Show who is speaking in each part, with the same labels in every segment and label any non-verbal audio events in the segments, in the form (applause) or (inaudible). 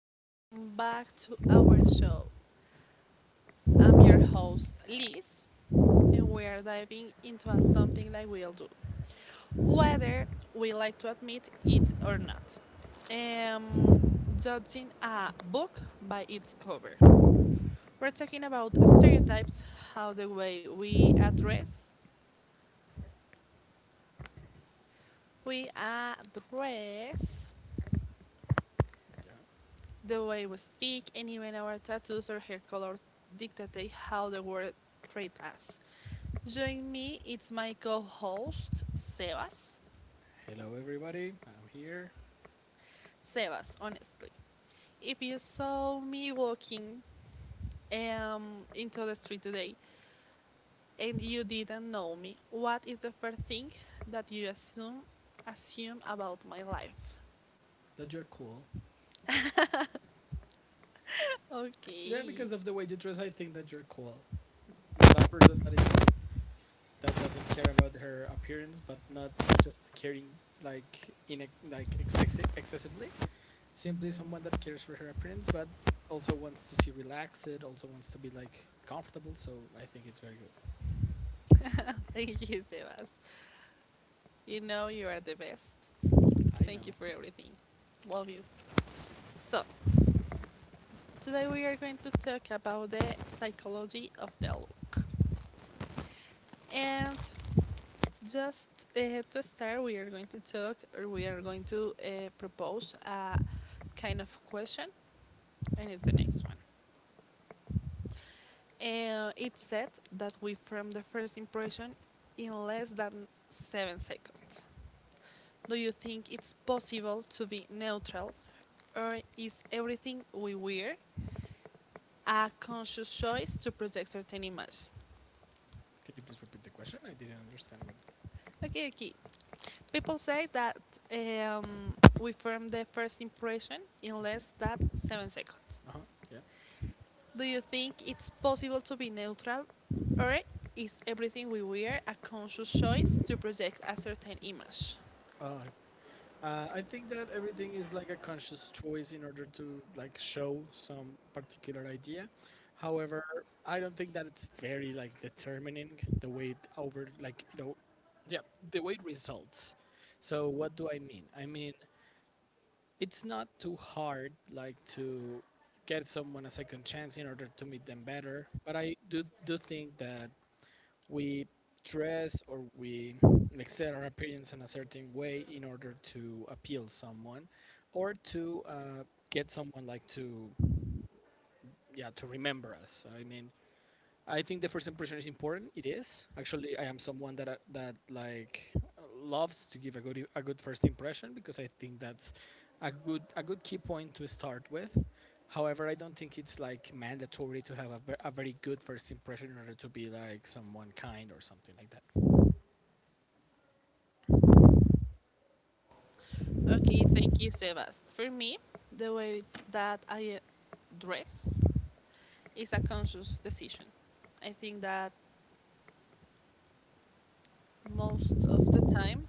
Speaker 1: Welcome back to our show. Host Liz, and we are diving into a something that we'll do, whether we like to admit it or not. Um, Judging a book by its cover. We're talking about stereotypes, how the way we address,
Speaker 2: Yeah.
Speaker 1: the way we speak, and even our tattoos or hair color dictate how the world treats us. Join me, it's my co host, Sebas.
Speaker 2: Hello, everybody. I'm here.
Speaker 1: Sebas, honestly, if you saw me walking into the street today and you didn't know me, what is the first thing that assume about my life?
Speaker 2: That you're cool.
Speaker 1: (laughs)
Speaker 2: Yeah,
Speaker 1: Okay.
Speaker 2: because of the way you dress, I think that you're cool. Not a person that is like that doesn't care about her appearance, but not just caring like in a, like excessively. Simply someone that cares for her appearance, but also wants to see relaxed. Also wants to be like comfortable. So I think it's very good.
Speaker 1: Thank you, Sebas. You know you are the best.
Speaker 2: I
Speaker 1: Thank you
Speaker 2: know.
Speaker 1: for everything. Love you. So, today we are going to talk about the psychology of the look. And Just to start, we are going to propose a kind of question, and it's the next one. It said that we form the first impression in less than seven seconds. Do you think it's possible to be neutral, or is everything we wear a conscious choice to project certain image?
Speaker 2: Can you please repeat the question? I didn't.
Speaker 1: Okay, okay. People say that um, we form the first impression in less than seven seconds.
Speaker 2: Uh huh. Yeah.
Speaker 1: Do you think it's possible to be neutral, or is everything we wear a conscious choice to project a certain image?
Speaker 2: Uh, I think that everything is like a conscious choice in order to like show some particular idea. However, I don't think that it's very like determining the way it over yeah, the way it results. So what do I mean? I mean it's not too hard like to get someone a second chance in order to meet them better. But I do think that we dress or we like set our appearance in a certain way in order to appeal someone or to get someone like to yeah to remember us. I mean I think the first impression is important. It is actually. I am someone that that like loves to give a good first impression because I think that's a good key point to start with. However, I don't think it's like mandatory to have a very good first impression in order to be like someone kind or something like that.
Speaker 1: Thank you, Sebas. For me, the way that I dress is a conscious decision. I think that most of the time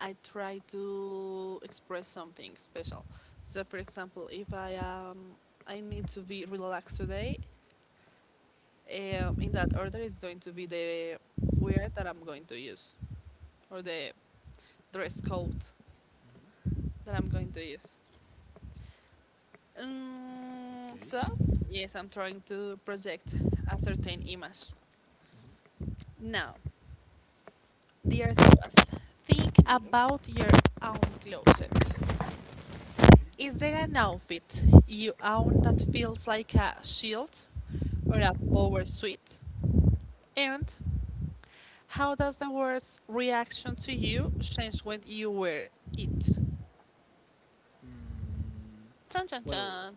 Speaker 1: I try to express something special. So, for example, if I I need to be relaxed today, in that order is going to be the wear that I'm going to use or the dress code
Speaker 2: Mhm.
Speaker 1: that I'm going to use. Um,
Speaker 2: Okay.
Speaker 1: so, yes, I'm trying to project a certain image.
Speaker 2: Mhm.
Speaker 1: Now, dear Sebas, think
Speaker 2: Yes.
Speaker 1: about your own closet.
Speaker 2: Mhm.
Speaker 1: Is there an outfit you own that feels like a shield or a power suit? And how does the world's reaction to you change when you wear it?
Speaker 2: Mm,
Speaker 1: Chan chan
Speaker 2: well,
Speaker 1: chan.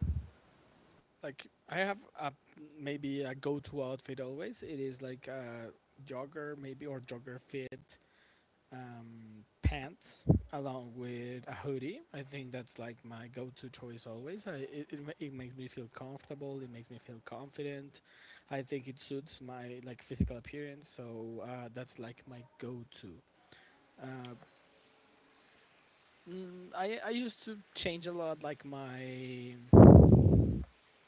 Speaker 2: like I have a maybe a go-to outfit always. It is like a jogger maybe or jogger fit pants along with a hoodie. I think that's like my go-to choice always. I, it, ma- It makes me feel comfortable. It makes me feel confident. I think it suits my like physical appearance. So that's like my go-to. Uh, I used to change a lot like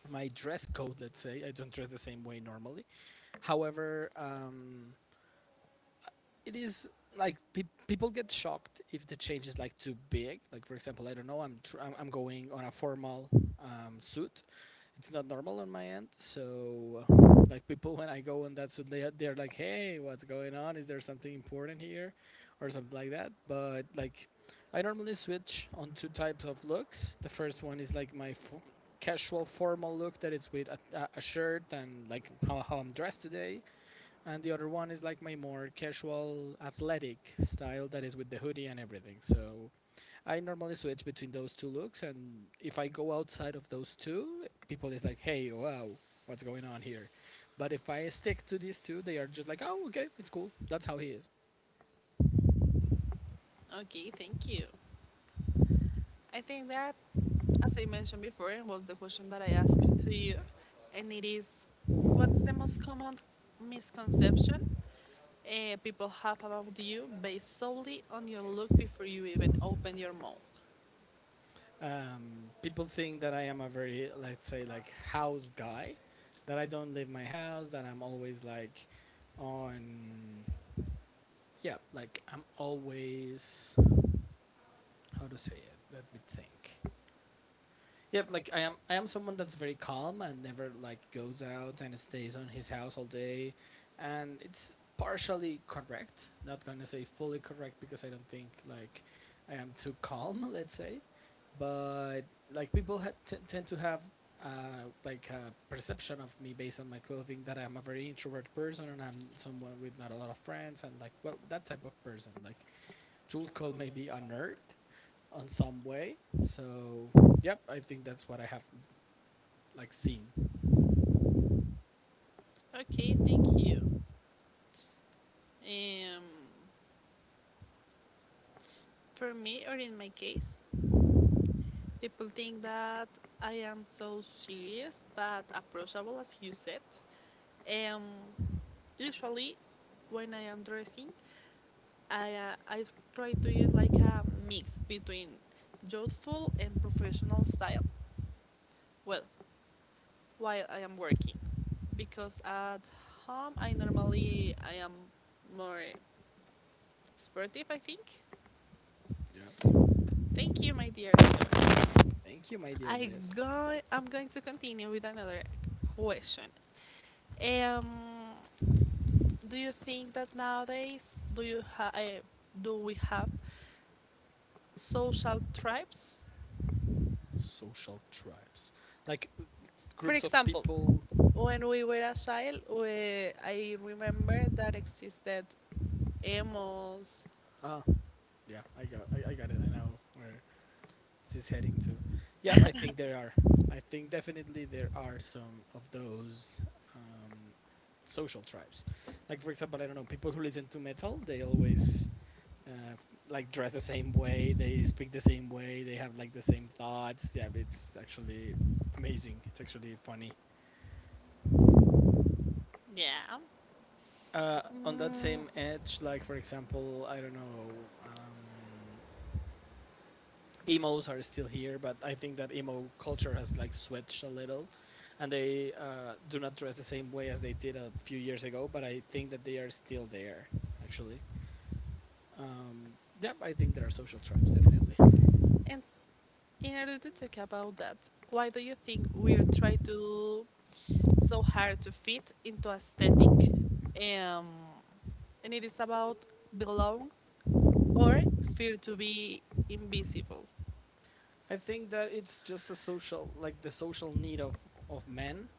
Speaker 2: my dress code. Let's say I don't dress the same way normally. However, it is like people get shocked if the change is like too big. Like for example, I don't know, I'm going on a formal suit. It's not normal on my end, so like people when I go on that suit, they're like, hey, what's going on? Is there something important here, or something like that? But like, I normally switch on two types of looks. The first one is like casual formal look that it's with a shirt and how I'm dressed today, and the other one is like my more casual athletic style that is with the hoodie and everything. So I normally switch between those two looks, and if I go outside of those two, people is like, "Hey, wow, what's going on here?" But if I stick to these two, they are just like, "Oh, okay, it's cool. That's how he is."
Speaker 1: Okay, thank you. I think that, as I mentioned before, and was the question that I asked to you, and it is what's the most common misconception people have about you based solely on your look before you even open your mouth?
Speaker 2: People think that I am a very, let's say, like house guy, that I don't leave my house, that I'm always like on, yeah, like I'm always how to say it, let me think. Yep, like I am someone that's very calm and never like goes out and stays on his house all day, and it's partially correct. Not gonna say fully correct because I don't think like I am too calm, (laughs) let's say. But like people tend to have like a perception of me based on my clothing that I'm a very introvert person and I'm someone with not a lot of friends, and like well that type of person like Jewel Code may be unearthed on some way. So, yep, I think that's what I have like seen.
Speaker 1: Okay, thank you. Um, for me, or in my case, people think that I am so serious but approachable, as you said. Um, Usually, when I am dressing, I try to use like a mix between youthful and professional style. Well, while I am working, because at home I normally I am more sportive. I think.
Speaker 2: Yeah.
Speaker 1: Thank you, my dear.
Speaker 2: Thank you, my dear
Speaker 1: I
Speaker 2: Liz.
Speaker 1: go. I'm going to continue with another question. Um, do you think that nowadays do we have social tribes?
Speaker 2: Social tribes, like
Speaker 1: For
Speaker 2: groups of
Speaker 1: example,
Speaker 2: people.
Speaker 1: when we were a child, I remember that existed emos.
Speaker 2: Ah, yeah, I got it. I know where this is heading to. Yep, I think there are. I think definitely there are some of those um, social tribes. Like for example, I don't know, people who listen to metal. They always uh, like dress the same way, they speak the same way, they have like the same thoughts. Yeah, it's actually amazing. It's actually funny.
Speaker 1: Yeah.
Speaker 2: On that same
Speaker 1: Mm,
Speaker 2: edge, like for example, I don't know, emos are still here, but I think that emo culture has like switched a little, and they do not dress the same way as they did a few years ago. But I think that they are still there, actually. Yeah, I think there are social tribes definitely.
Speaker 1: and in order to talk about that, why do you think we try to so hard to fit into aesthetic? Um, and it is about belong or fear to be invisible.
Speaker 2: I think that it's just the social, like the social need of men,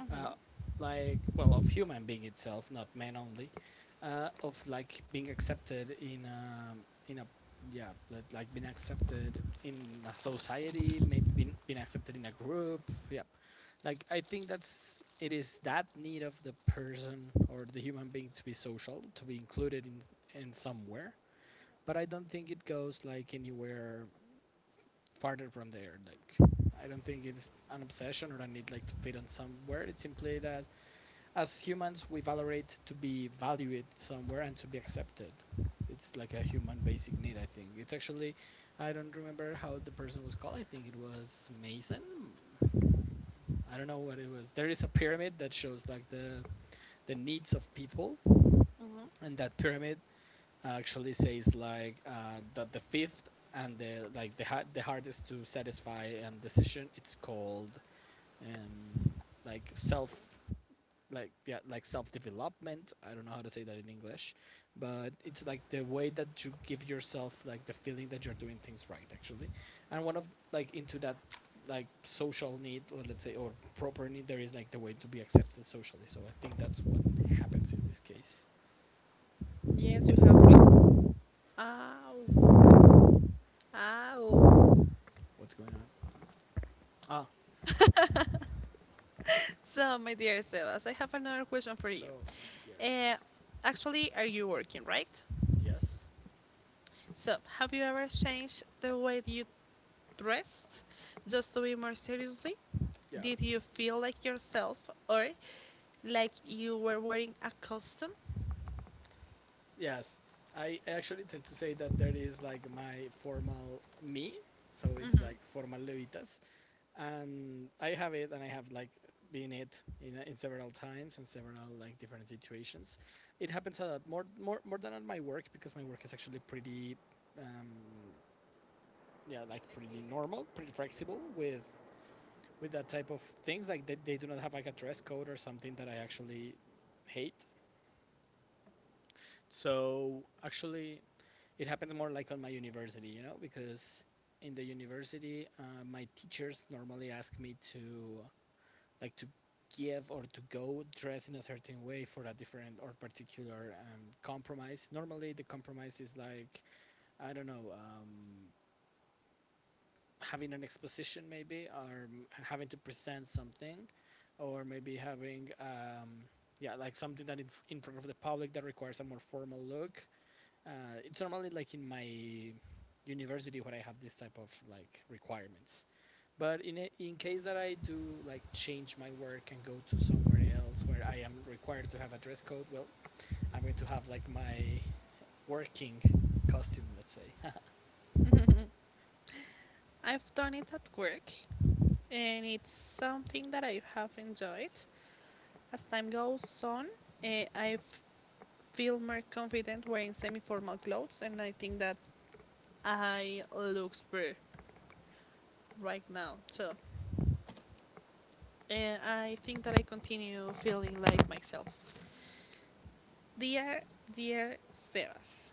Speaker 1: Hmm.
Speaker 2: uh, like well, of human being itself, not men only, of like being accepted in a yeah, like being accepted in a society, maybe being accepted in a group, yeah. Like I think that's it is that need of the person or the human being to be social, to be included in somewhere. But I don't think it goes like anywhere farther from there. Like, I don't think it is an obsession or a need like to fit on somewhere. It's simply that as humans we valorate to be valued somewhere and to be accepted. It's like a human basic need. I think it's actually, I don't remember how the person was called. I think it was Mason. I don't know what it was. There is a pyramid that shows like the needs of people,
Speaker 1: Hmm.
Speaker 2: and that pyramid actually says like that the fifth and the like the hardest to satisfy decision it's called um, like self like yeah like self development. I don't know how to say that in English, but it's like the way that you give yourself like the feeling that you're doing things right actually. And one of like into that like social need, or let's say or proper need, there is like the way to be accepted socially. So I think that's what happens in this case.
Speaker 1: Yes, you. Ow, ow.
Speaker 2: What's going on? Ah.
Speaker 1: So, my dear Sebas, I have another question for you.
Speaker 2: So, my
Speaker 1: Uh,
Speaker 2: dearness.
Speaker 1: Actually, are you working, right?
Speaker 2: Yes?
Speaker 1: So, have you ever changed the way you dressed just to be more seriously?
Speaker 2: Yeah.
Speaker 1: Did you feel like yourself or like you were wearing a costume?
Speaker 2: Yes. I actually tend to say that there is like my formal me. So it's
Speaker 1: Mhm.
Speaker 2: like formal Levitas. And I have it and I have like been it in several times and several like different situations. It happens a lot more than at my work because my work is actually pretty, um, yeah, like pretty normal, pretty flexible with that type of things. Like they do not have like a dress code or something that I actually hate. So actually, it happens more like on my university, you know, because in the university, my teachers normally ask me to like to give or to go dress in a certain way for a different or particular compromise. Normally, the compromise is like I don't know. Having an exposition maybe, or having to present something, or maybe having yeah like something that in front of the public that requires a more formal look. uh, it's normally like in my university where I have this type of like requirements. But in case that I do like change my work and go to somewhere else where I am required to have a dress code, well, I'm going to have like my working costume, let's say.
Speaker 1: Like, (laughs) I've done it at work and it's something that I have enjoyed. As time goes on, I feel more confident wearing semi-formal clothes, and I think that I looks better right now. So, I think that I continue feeling like myself. Dear, dear Sebas,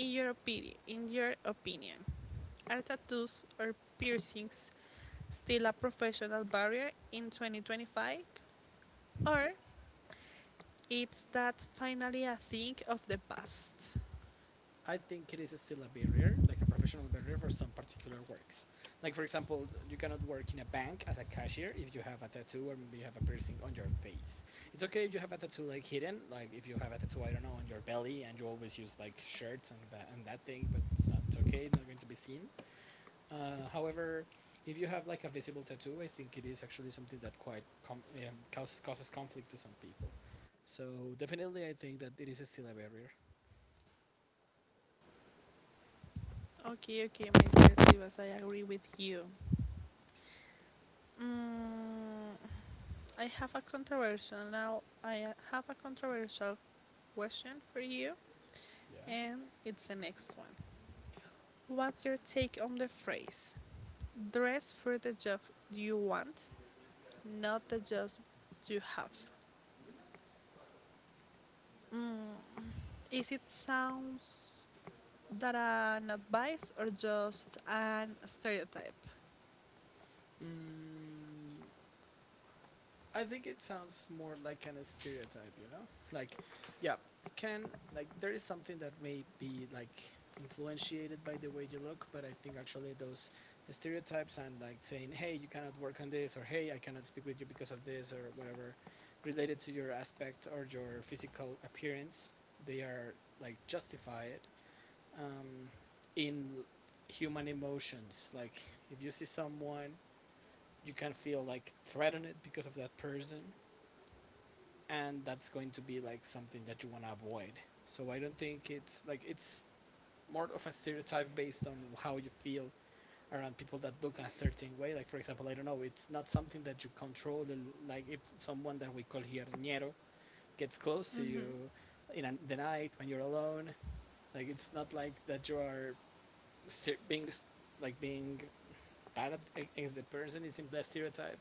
Speaker 1: in your opinion, are tattoos or piercings still a professional barrier in 2025, or it's that finally a thing of the past?
Speaker 2: I think it is still a barrier, like a professional barrier for some particular works. Like for example, you cannot work in a bank as a cashier if you have a tattoo or maybe you have a piercing on your face. It's okay if you have a tattoo like hidden, like if you have a tattoo I don't know on your belly and you always use like shirts and that thing, but it's okay, it's not going to be seen. However, if you have like a visible tattoo, I think it is actually something that quite causes causes conflict to some people. So definitely, I think that it is still a barrier.
Speaker 1: Okay, okay, my dear Sebas, I agree with you. Mm, I have a controversial now. I have a controversial question for you,
Speaker 2: Yeah.
Speaker 1: and it's the next one. What's your take on the phrase "dress for the job you want, not the job you have"? Mm, is it sounds that an advice or just an stereotype?
Speaker 2: Mm, I think it sounds more like an stereotype, you know? Like, yeah, you can, like, there is something that may be, like, influentiated by the way you look, but I think actually those stereotypes and, like, saying, hey, you cannot work on this, or hey, I cannot speak with you because of this, or whatever, related to your aspect or your physical appearance, they are, like, justified um, in human emotions. Like, if you see someone you can feel like threatened because of that person, and that's going to be like something that you want to avoid. So I don't think it's more of a stereotype based on how you feel around people that look a certain way. Like for example, I don't know, it's not something that you control. Like if someone that we call here ñero gets close to
Speaker 1: Mhm. Mhm.
Speaker 2: you in the night when you're alone, like it's not like that you are ste being being bad against the person. It seems that stereotype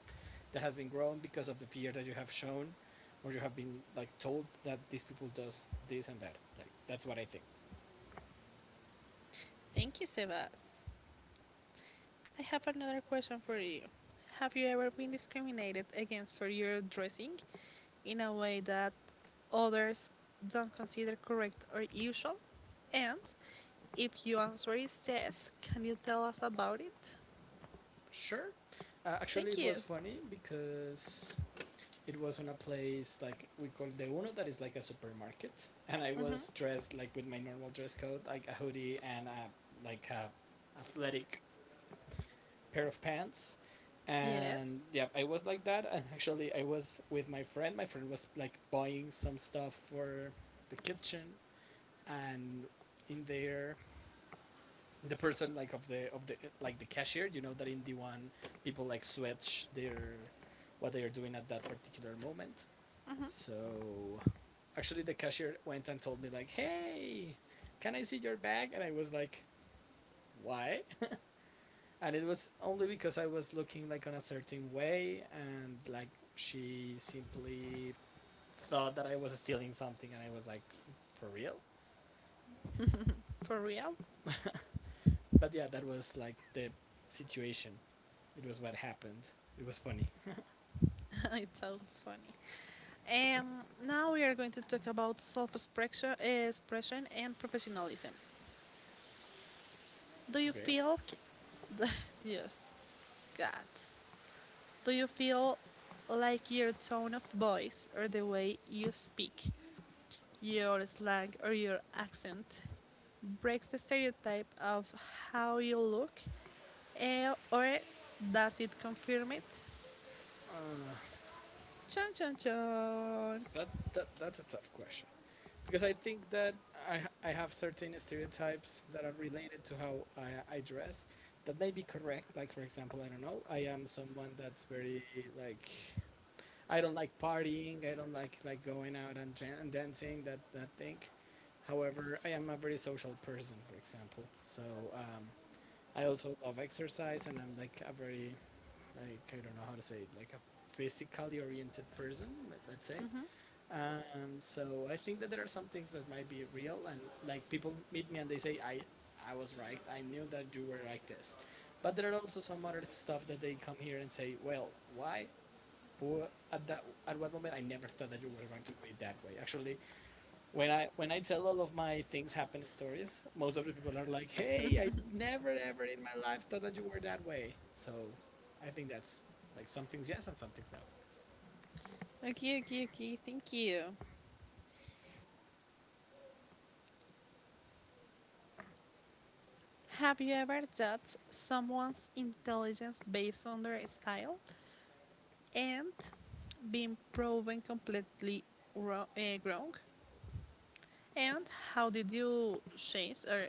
Speaker 2: that has been grown because of the fear that you have shown, or you have been like told that these people does this and that. Like that's what I think.
Speaker 1: Thank you, Sebas. I have another question for you. Have you ever been discriminated against for your dressing in a way that others don't consider correct or usual? And if your answer is yes, can you tell us about it?
Speaker 2: Sure. Actually,
Speaker 1: Thank
Speaker 2: it
Speaker 1: you.
Speaker 2: was funny because it was on a place like we call the uno that is like a supermarket, and I
Speaker 1: Mhm.
Speaker 2: was dressed like with my normal dress code, like a hoodie and a like a athletic pair of pants.
Speaker 1: Yes.
Speaker 2: And yeah, I was like that, and actually I was with my friend. My friend was like buying some stuff for the kitchen, and in there the person like of the like the cashier, you know that in the one people like switch their what they are doing at that particular moment.
Speaker 1: Mhm.
Speaker 2: So actually the cashier went and told me like, "Hey, can I see your bag?" And I was like, "Why?" And it was only because I was looking like on a certain way, and like she simply thought that I was stealing something, and I was like, "For real."
Speaker 1: For real?
Speaker 2: But yeah, that was like the situation. It was what happened. It was funny.
Speaker 1: (laughs) It sounds funny. Now we are going to talk about self-expression, expression and professionalism. Do you feel, c- (laughs) Yes, God, do you feel like your tone of voice or the way you speak, your slang or your accent breaks the stereotype of how you look, or does it confirm it?
Speaker 2: Uh,
Speaker 1: Chon chon chon.
Speaker 2: that's a tough question because I think that I I have certain stereotypes that are related to how I dress that may be correct. Like for example, I don't know, I am someone that's very like I don't like partying. I don't like going out and, and dancing. That thing. However, I am a very social person, for example. So I also love exercise, and I'm like a very like I don't know how to say it, like a physically oriented person, let's say. So I think that there are some things that might be real, and like people meet me and they say, I was right. I knew that you were like this," but there are also some other stuff that they come here and say, "Well, why?" Who at that at one moment I never thought that you were going to do it that way. Actually, when I tell all of my things happen stories, most of the people are like, "Hey, I never ever in my life thought that you were that way." So, I think that's like some things yes and some things no.
Speaker 1: Okay, okay, okay. Thank you. Have you ever judged someone's intelligence based on their style and been proven completely wrong? And how did you change or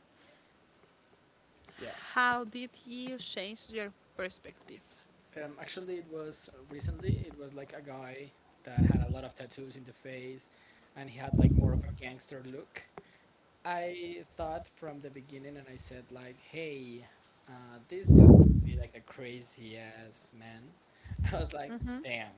Speaker 2: Yeah.
Speaker 1: how did you change your perspective?
Speaker 2: Actually, it was recently. It was like a guy that had a lot of tattoos in the face, and he had like more of a gangster look. I thought from the beginning, and I said like, "Hey, this dude must be like a crazy ass man." (laughs) I was like,
Speaker 1: Mhm.
Speaker 2: "Damn."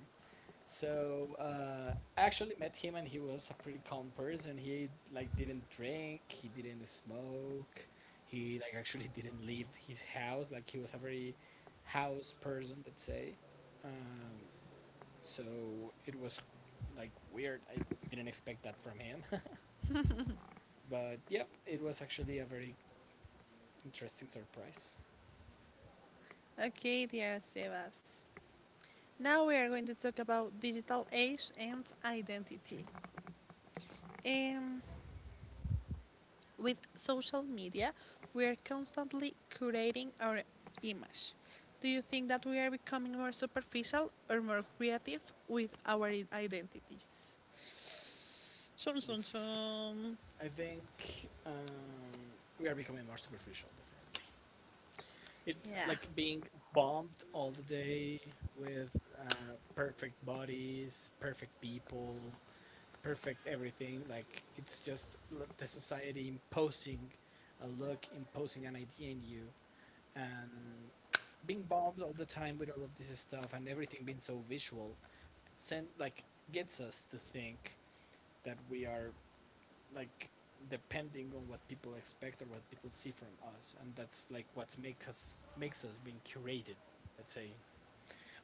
Speaker 2: So I actually met him, and he was a pretty calm person. He like didn't drink, he didn't smoke, he like actually didn't leave his house. Like he was a very house person, let's say. Um, so it was like weird. I didn't expect that from him. (laughs) But yep, it was actually a very interesting surprise.
Speaker 1: Okay, dear Sebas. Now we are going to talk about digital age and identity. Um, With social media, we are constantly curating our image. Do you think that we are becoming more superficial or more creative with our identities? Chum, chum, chum.
Speaker 2: I think we are becoming more superficial, definitely. It's
Speaker 1: Yeah.
Speaker 2: like being bombed all the day with perfect bodies, perfect people, perfect everything. Like, it's just the society imposing a look, imposing an idea in you, and being bombed all the time with all of this stuff and everything being so visual send like gets us to think that we are like depending on what people expect or what people see from us. And that's like what's make us makes us being curated, let's say,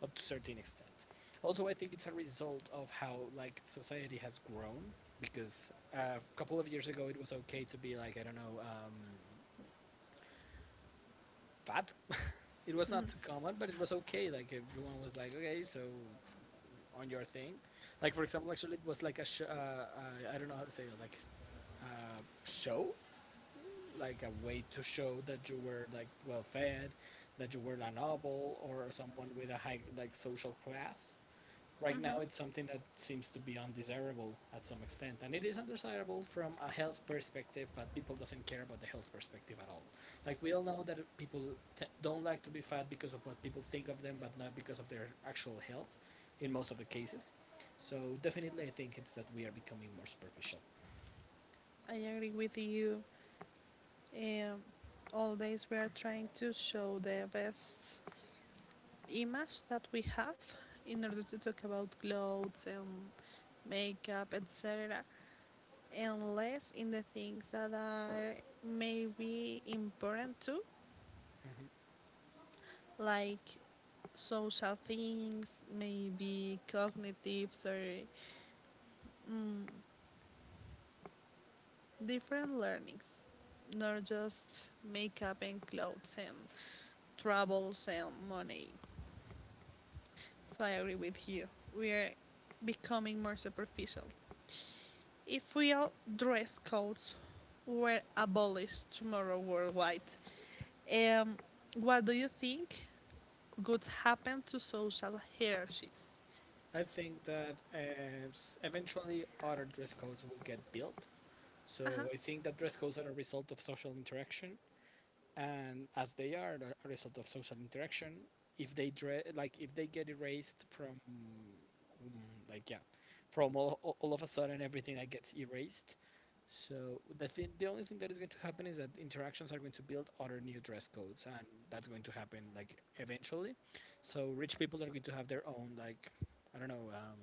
Speaker 2: up to a certain extent. Also I think it's a result of how like society has grown because a couple of years ago it was okay to be like I don't know fat. (laughs) It
Speaker 1: (laughs)
Speaker 2: was not too common, but it
Speaker 1: Mm.
Speaker 2: was okay. Like everyone was like, okay, so on your thing. Like for example, actually it was like a I don't know how to say it, like show, like a way to show that you were like well fed, that you were a noble or someone with a high like social class. Right now, it's
Speaker 1: Mm-hmm.
Speaker 2: something that seems to be undesirable at some extent, and it is undesirable from a health perspective. But people doesn't care about the health perspective at all. Like we all know that people don't like to be fat because of what people think of them, but not because of their actual health, in most of the cases. So definitely, I think it's that we are becoming more superficial.
Speaker 1: I agree with you. Um, Always we are trying to show the best image that we have in order to talk about clothes and makeup, etc. And less in the things that are maybe important too,
Speaker 2: Mm-hmm.
Speaker 1: like social things, maybe cognitives or mm, different learnings, not just makeup and clothes and travels and money. So I agree with you. We are becoming more superficial. If real dress codes were abolished tomorrow worldwide, um, what do you think would happen to social hierarchies?
Speaker 2: I think that eventually other dress codes will get built.
Speaker 1: Uh-huh.
Speaker 2: So I think that dress codes are a result of social interaction, and as they are a result of social interaction, if like if they get erased from like yeah, from all of a sudden everything that gets erased, so the only thing that is going to happen is that interactions are going to build other new dress codes, and that's going to happen like eventually. So rich people are going to have their own like I don't know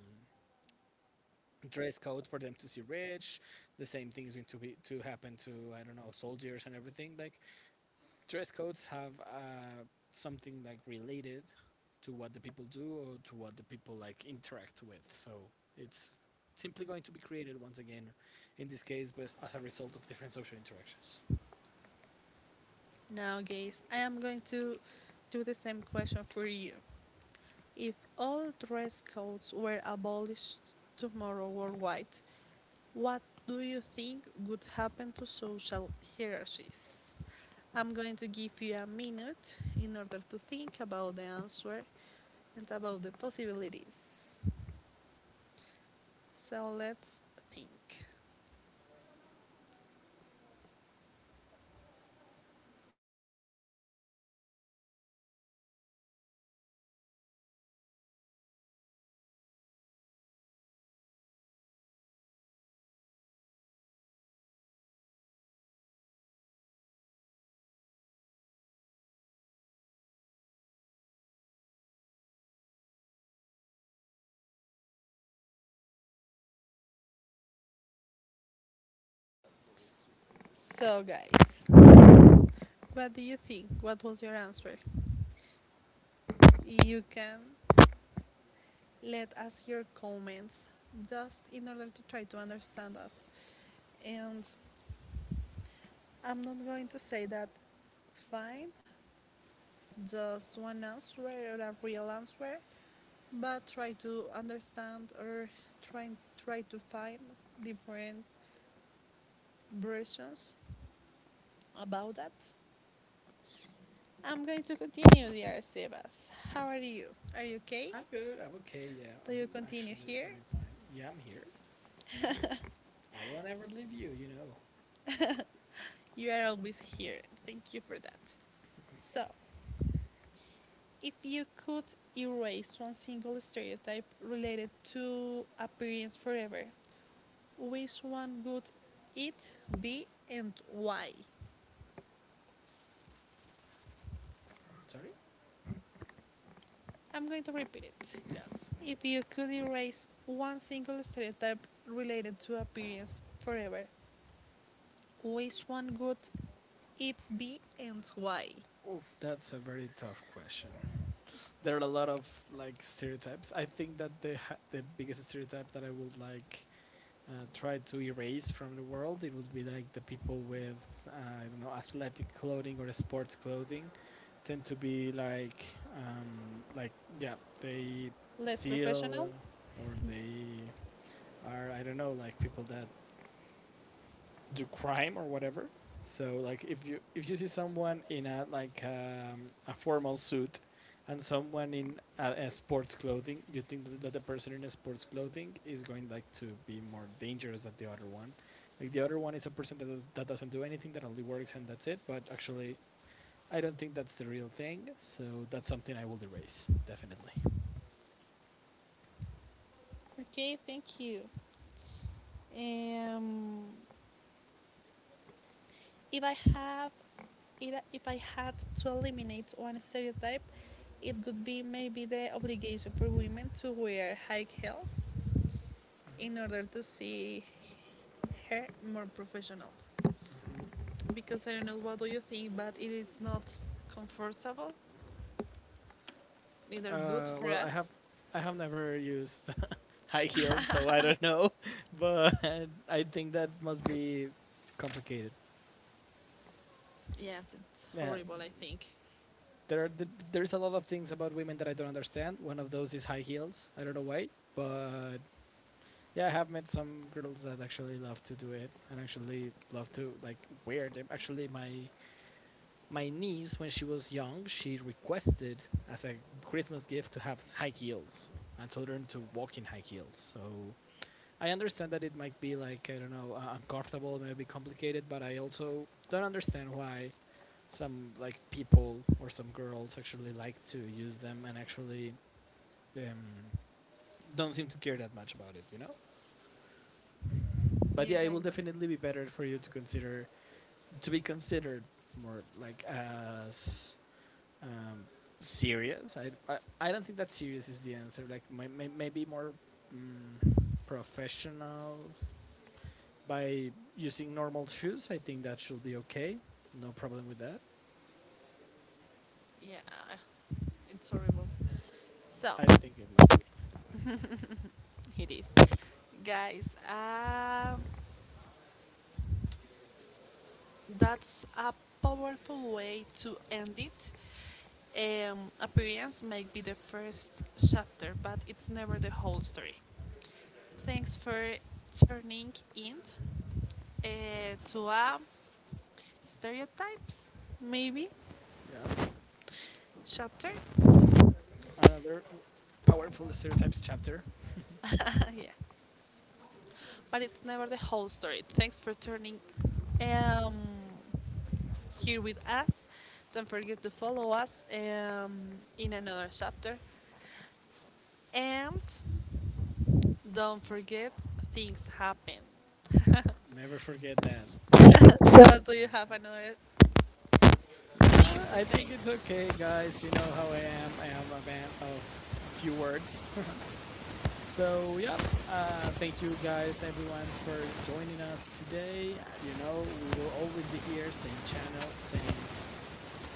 Speaker 2: dress code for them to see rich. The same thing is going to be to happen to I don't know soldiers and everything. Like dress codes have something like related to what the people do or to what the people like interact with. So it's simply going to be created once again, in this case, but as a result of different social interactions.
Speaker 1: Now, guys, I am going to do the same question for you. If all dress codes were abolished tomorrow worldwide, what do you think would happen to social hierarchies? I'm going to give you a minute in order to think about the answer and about the possibilities. So, let's think. So, guys, what do you think? What was your answer? You can let us hear comments just in order to try to understand us. And I'm not going to say that find just one answer or a real answer, but try to understand or try, try to find different versions about that. I'm going to continue, dear Sebas. How are you? Are you okay?
Speaker 2: I'm good. I'm okay. Yeah,
Speaker 1: Do you
Speaker 2: I'm
Speaker 1: continue
Speaker 2: actually
Speaker 1: here?
Speaker 2: very fine. Yeah, I'm here. I will never leave you. You know.
Speaker 1: You are always here. Thank you for that. So, if you could erase one single stereotype related to appearance forever, which one would it be and why?
Speaker 2: Sorry.
Speaker 1: I'm going to repeat it.
Speaker 2: Yes.
Speaker 1: If you could erase one single stereotype related to appearance forever, which one would it be and why?
Speaker 2: Oof, that's a very tough question. There are a lot of like stereotypes. I think that the biggest stereotype that I would like try to erase from the world, it would be like the people with I don't know athletic clothing or sports clothing tend to be like yeah they
Speaker 1: Less professional?
Speaker 2: steal or they are I don't know like people that do crime or whatever. So like if you see someone in a like a formal suit and someone in a sports clothing, you think that the person in a sports clothing is going like to be more dangerous than the other one. Like the other one is a person that doesn't do anything, that only works and that's it. But actually, I don't think that's the real thing. So that's something I will erase definitely.
Speaker 1: Okay, thank you. Um, if I have if I had to eliminate one stereotype, it could be maybe the obligation for women to wear high heels in order to see her more professionals. Because I don't know what do you think, but it is not comfortable, neither good for
Speaker 2: Well,
Speaker 1: us.
Speaker 2: I have never used high heels, so I don't know. (laughs) But I think that must be complicated.
Speaker 1: Yes, it's
Speaker 2: Yeah,
Speaker 1: horrible. I think.
Speaker 2: there are there's a lot of things about women that I don't understand. One of those is high heels. I don't know why, but yeah, I have met some girls that actually love to do it and actually love to like wear them. Actually, my niece when she was young, she requested as a Christmas gift to have high heels and told her to walk in high heels. So I understand that it might be like I don't know uncomfortable, maybe complicated, but I also don't understand why some like people or some girls actually like to use them and actually um, don't seem to care that much about it, you know. But yeah,
Speaker 1: Yes.
Speaker 2: it will definitely be better for you to consider to be considered more like as um, serious. I don't think that serious is the answer. Like maybe more mm, professional by using normal shoes, I think that should be okay. No problem with that.
Speaker 1: Yeah, it's horrible. So
Speaker 2: I think it must be.
Speaker 1: it is, guys. That's a powerful way to end it. Appearance might be the first chapter, but it's never the whole story. Thanks for turning in to a stereotypes, maybe
Speaker 2: Yeah.
Speaker 1: chapter.
Speaker 2: Another powerful stereotypes chapter.
Speaker 1: (laughs) Yeah, but it's never the whole story. Thanks for turning um, here with us. Don't forget to follow us in another chapter, and don't forget things happen. (laughs) So,
Speaker 2: Never forget that. Things always
Speaker 1: do you have
Speaker 2: happen.
Speaker 1: another thing
Speaker 2: Nah,
Speaker 1: to
Speaker 2: I
Speaker 1: say?
Speaker 2: think it's okay, guys. You know how I am. I am a man of a few words. (laughs) So, yep. Thank you, guys, everyone, for joining us today. You know, we will always be here. Same channel, same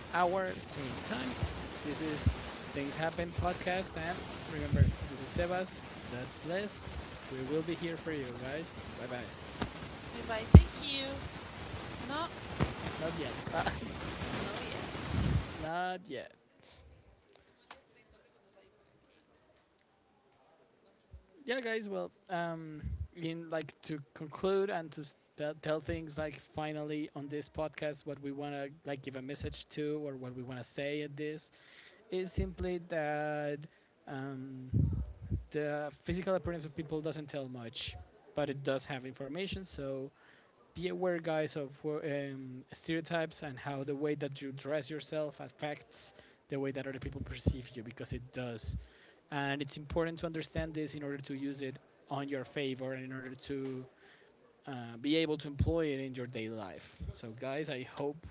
Speaker 2: hour, same time. This is Things Happen podcast, and remember, this is Sebas. That's Les. We will be here for you guys. Bye bye.
Speaker 1: If I thank you, no,
Speaker 2: Not yet. (laughs)
Speaker 1: no
Speaker 2: Not yet. Yeah, guys. Well, in like to conclude and to tell things like finally on this podcast, what we wanna like give a message to or what we wanna say at this is simply that um, the physical appearance of people doesn't tell much, but it does have information. So be aware, guys, of stereotypes and how the way that you dress yourself affects the way that other people perceive you because it does. And it's important to understand this in order to use it on your favor and in order to be able to employ it in your daily life. So, guys, I hope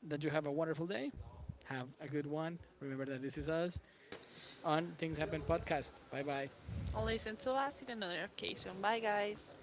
Speaker 2: that you have a wonderful day. Have a good one. Remember that this is us on Things Happen podcast. Bye bye.
Speaker 1: yet. Listen to us in another occasion. Bye, guys.